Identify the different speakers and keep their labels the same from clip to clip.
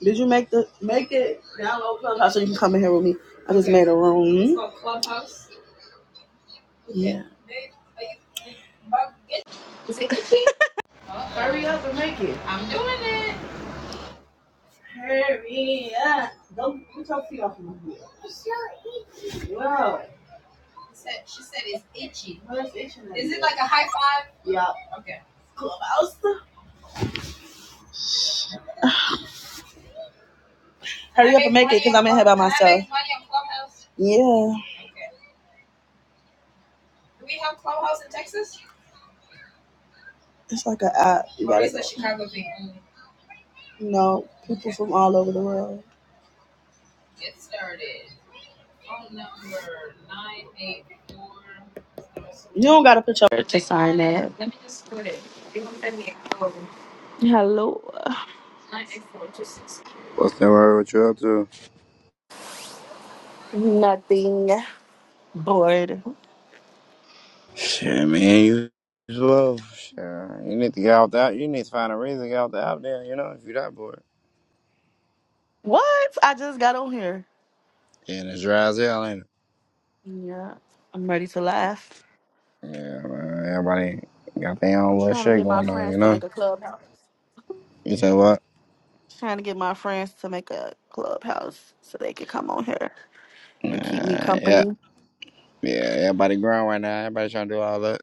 Speaker 1: Did you make the make it download Clubhouse so you can come in here with me? I just made a room. It's called Clubhouse. Yeah. Hurry up and make it. Hurry up. Don't put your feet off my head. Whoa. What's itching Is it like a high five? Yeah. Clubhouse. Hurry up and make it because I'm in here by myself. money on Clubhouse? Yeah. It's like an app. You know, people from all over the world. You don't gotta put your birthday sign that. Let me just put it. Hello.
Speaker 2: What's that word? What you up to?
Speaker 1: Nothing. Bored.
Speaker 2: Shit, man, you slow. Sure, you need to get out that. You need to find a reason to get out the out there. You know, if you that bored.
Speaker 1: What? I just got on here.
Speaker 2: Yeah, and it's dry as hell, ain't
Speaker 1: Yeah. I'm ready to laugh.
Speaker 2: it? Yeah, man. Everybody got their own
Speaker 1: I'm
Speaker 2: little
Speaker 1: trying to
Speaker 2: shit
Speaker 1: get my
Speaker 2: going on. You
Speaker 1: friends to
Speaker 2: know.
Speaker 1: make a clubhouse.
Speaker 2: You said what?
Speaker 1: Trying to get my friends to make a clubhouse so they can come on here
Speaker 2: Nah,
Speaker 1: and keep me
Speaker 2: yeah,
Speaker 1: company.
Speaker 2: yeah. Everybody grown right now. Everybody trying to do all that.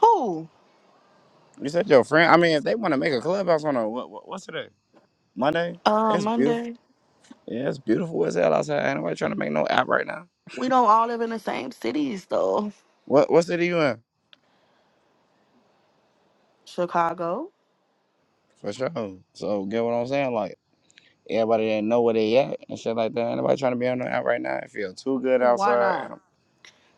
Speaker 1: Who?
Speaker 2: You said your friend. I mean, if they want to make a clubhouse on a what, what, what's today? Monday.
Speaker 1: Uh,
Speaker 2: It's beautiful.
Speaker 1: Monday.
Speaker 2: Yeah, it's beautiful as hell outside. Ain't nobody trying to make no app right now.
Speaker 1: We don't all live in the same cities though.
Speaker 2: What what city you in?
Speaker 1: Chicago.
Speaker 2: For sure. So get what I'm saying, like. Everybody didn't know where they at and shit like that. Anybody trying to be on the out right now. It feels too good
Speaker 1: Why
Speaker 2: outside. And
Speaker 1: not?
Speaker 2: I'm-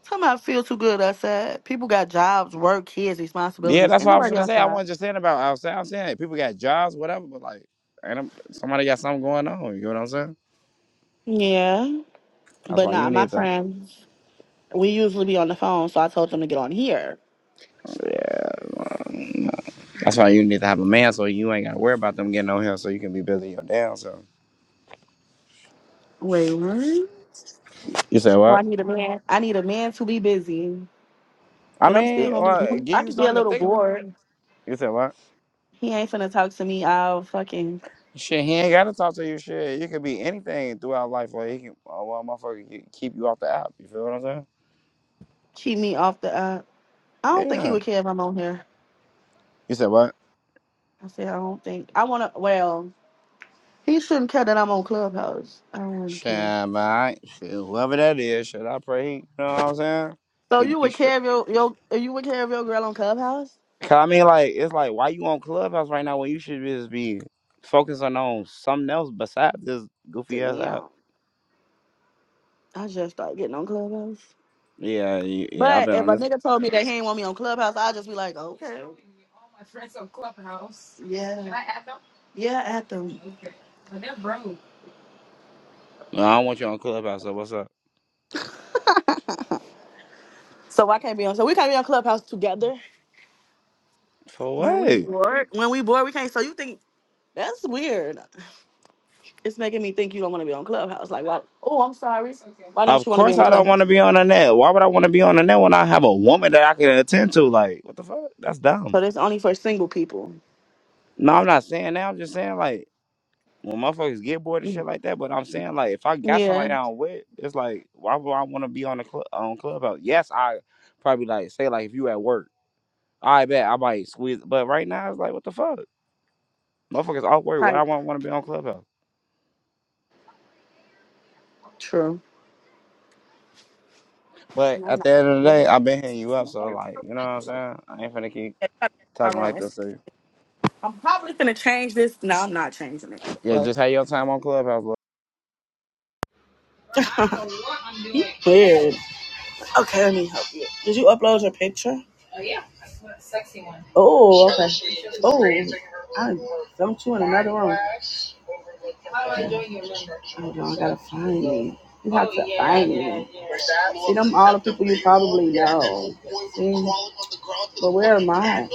Speaker 1: Somehow I feel too good. I said people got jobs, work, kids,
Speaker 2: yeah,
Speaker 1: responsibilities.
Speaker 2: that's
Speaker 1: Ain't
Speaker 2: what I was
Speaker 1: nobody
Speaker 2: gonna say. I
Speaker 1: outside.
Speaker 2: wasn't just saying about outside. I'm saying people got jobs, whatever, but like, and I'm, somebody got something going on. You know what I'm saying?
Speaker 1: Yeah,
Speaker 2: That's
Speaker 1: but
Speaker 2: why you
Speaker 1: not my
Speaker 2: need to.
Speaker 1: friends. We usually be on the phone, so I told them to get on here.
Speaker 2: Yeah. um, That's why you need to have a man so you ain't gotta worry about them getting on here so you can be busy your damn self.
Speaker 1: Wait, what?
Speaker 2: You said
Speaker 1: Well, I
Speaker 2: what?
Speaker 1: need a man. I need a man to be busy,
Speaker 2: I
Speaker 1: but I'm still
Speaker 2: mean,
Speaker 1: gonna be.
Speaker 2: well, give
Speaker 1: I
Speaker 2: you
Speaker 1: could be a
Speaker 2: something to
Speaker 1: little
Speaker 2: think about.
Speaker 1: bored.
Speaker 2: You said what?
Speaker 1: He ain't finna talk to me. I'll fucking
Speaker 2: Shit, he ain't gotta talk to you. Shit, you could be anything throughout life, or he can, or one motherfucker can keep you off the app. You feel what I'm saying?
Speaker 1: cheat me off the. Uh, I don't think he
Speaker 2: Yeah.
Speaker 1: would care if I'm on here.
Speaker 2: You said what?
Speaker 1: I said I don't think I wanna. Well, he shouldn't care that I'm on Clubhouse. I don't want to care.
Speaker 2: Shall I? shit, Whoever that is, should I pray? You know what I'm saying?
Speaker 1: So
Speaker 2: He
Speaker 1: you
Speaker 2: be
Speaker 1: would
Speaker 2: str-
Speaker 1: care if your your you would care if your girl on Clubhouse?
Speaker 2: Cause I mean, like, it's like, why you on Clubhouse right now when you should just be focusing on something else besides this goofy ass app?
Speaker 1: Damn, I just started getting on Clubhouse.
Speaker 2: Yeah, y- yeah, I've
Speaker 1: But
Speaker 2: been
Speaker 1: if
Speaker 2: on
Speaker 1: a
Speaker 2: this.
Speaker 1: nigga told me that he ain't want me on Clubhouse, I'll just be like, okay. Yeah. Yeah, at them.
Speaker 2: No, I don't want you on Clubhouse. So what's up?
Speaker 1: So I can't be on. So we can't be on Clubhouse together.
Speaker 2: For
Speaker 1: When we
Speaker 2: what?
Speaker 1: bored. When we bored, we can't. So you think that's weird? It's making me think you don't want to be on Clubhouse. Like, why? Oh, I'm sorry. Why don't
Speaker 2: Of
Speaker 1: you want to be
Speaker 2: course,
Speaker 1: on
Speaker 2: I don't want
Speaker 1: Clubhouse?
Speaker 2: to be on the net. Why would I want to be on the net when I have a woman that I can attend to? Like, what the fuck? That's dumb.
Speaker 1: So that's only for single people.
Speaker 2: No, I'm not saying that. I'm just saying like. when motherfuckers get bored and shit like that. But I'm saying like if I got somebody
Speaker 1: Yeah.
Speaker 2: I'm with, it's like why would I want to be on the club on clubhouse? Yes, I probably like say like if you at work, I bet I might squeeze. But right now it's like what the fuck, motherfuckers all work. Why I
Speaker 1: Type.
Speaker 2: want want to be on clubhouse?
Speaker 1: True.
Speaker 2: But
Speaker 1: No,
Speaker 2: at
Speaker 1: no.
Speaker 2: the end of the
Speaker 1: Let
Speaker 2: day,
Speaker 1: me-
Speaker 2: I've been hitting you
Speaker 1: Yeah,
Speaker 2: up, so
Speaker 1: you
Speaker 2: like you know what I'm saying. I ain't finna keep
Speaker 1: gotta come to my
Speaker 2: talking
Speaker 1: room.
Speaker 2: like
Speaker 1: It's-
Speaker 2: this. So
Speaker 1: I'm probably gonna change this. No, I'm not changing it.
Speaker 2: yeah, just have your time on clubhouse,
Speaker 1: Weird. Okay, let me help you. Did you upload your picture? Oh, okay. Oh, I dumped you in another room. Hold on, I gotta find me. You have to find me. See, them all the people you probably know. See, but where am I?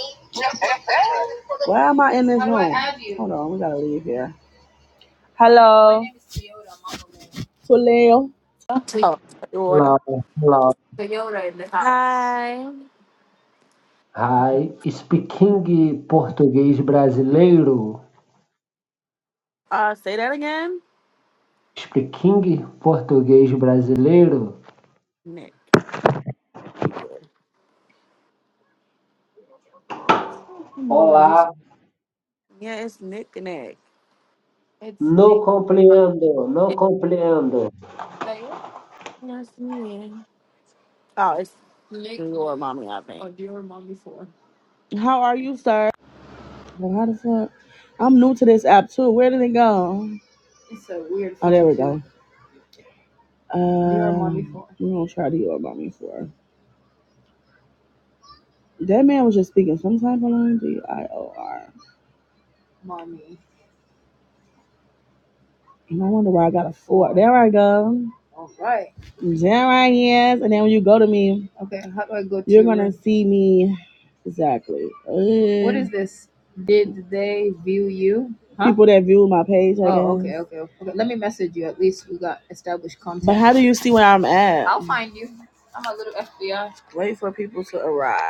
Speaker 1: Why am I in this room? Hold on, we gotta leave here. Hello, Tulio. Oh, your order.
Speaker 3: Lau, lau.
Speaker 1: Hi. Okay.
Speaker 3: Hi, speaking português brasileiro.
Speaker 1: Uh, say that again.
Speaker 3: Speaking português brasileiro.
Speaker 1: Nick. people. I don't know where to be.
Speaker 3: Olá,
Speaker 1: Yeah, it's Nick and Nick.
Speaker 3: não compreendo, não compreendo.
Speaker 1: That's me. Oh, it's Nick. your mommy, I think. Oh, your mommy for. How are you, sir? Well, how the fuck? I'm new to this app too. Where did it go? It's a weird. Oh, there phone, we too. go. Um, your mommy for. we gonna try the your mommy for. That man was just speaking some type of language. D I O R. And I wonder why I got a four. There I go. Jeremiah, yes. And then when you go to me, okay, how do I go? to? You're gonna see me exactly. What Uh, is this? Huh? People that view my page. I oh, guess. okay, guess. okay, okay. Let me message you. At least we got established contact. But how contact. do you see where I'm at? I'll find you. Wait for people to arrive.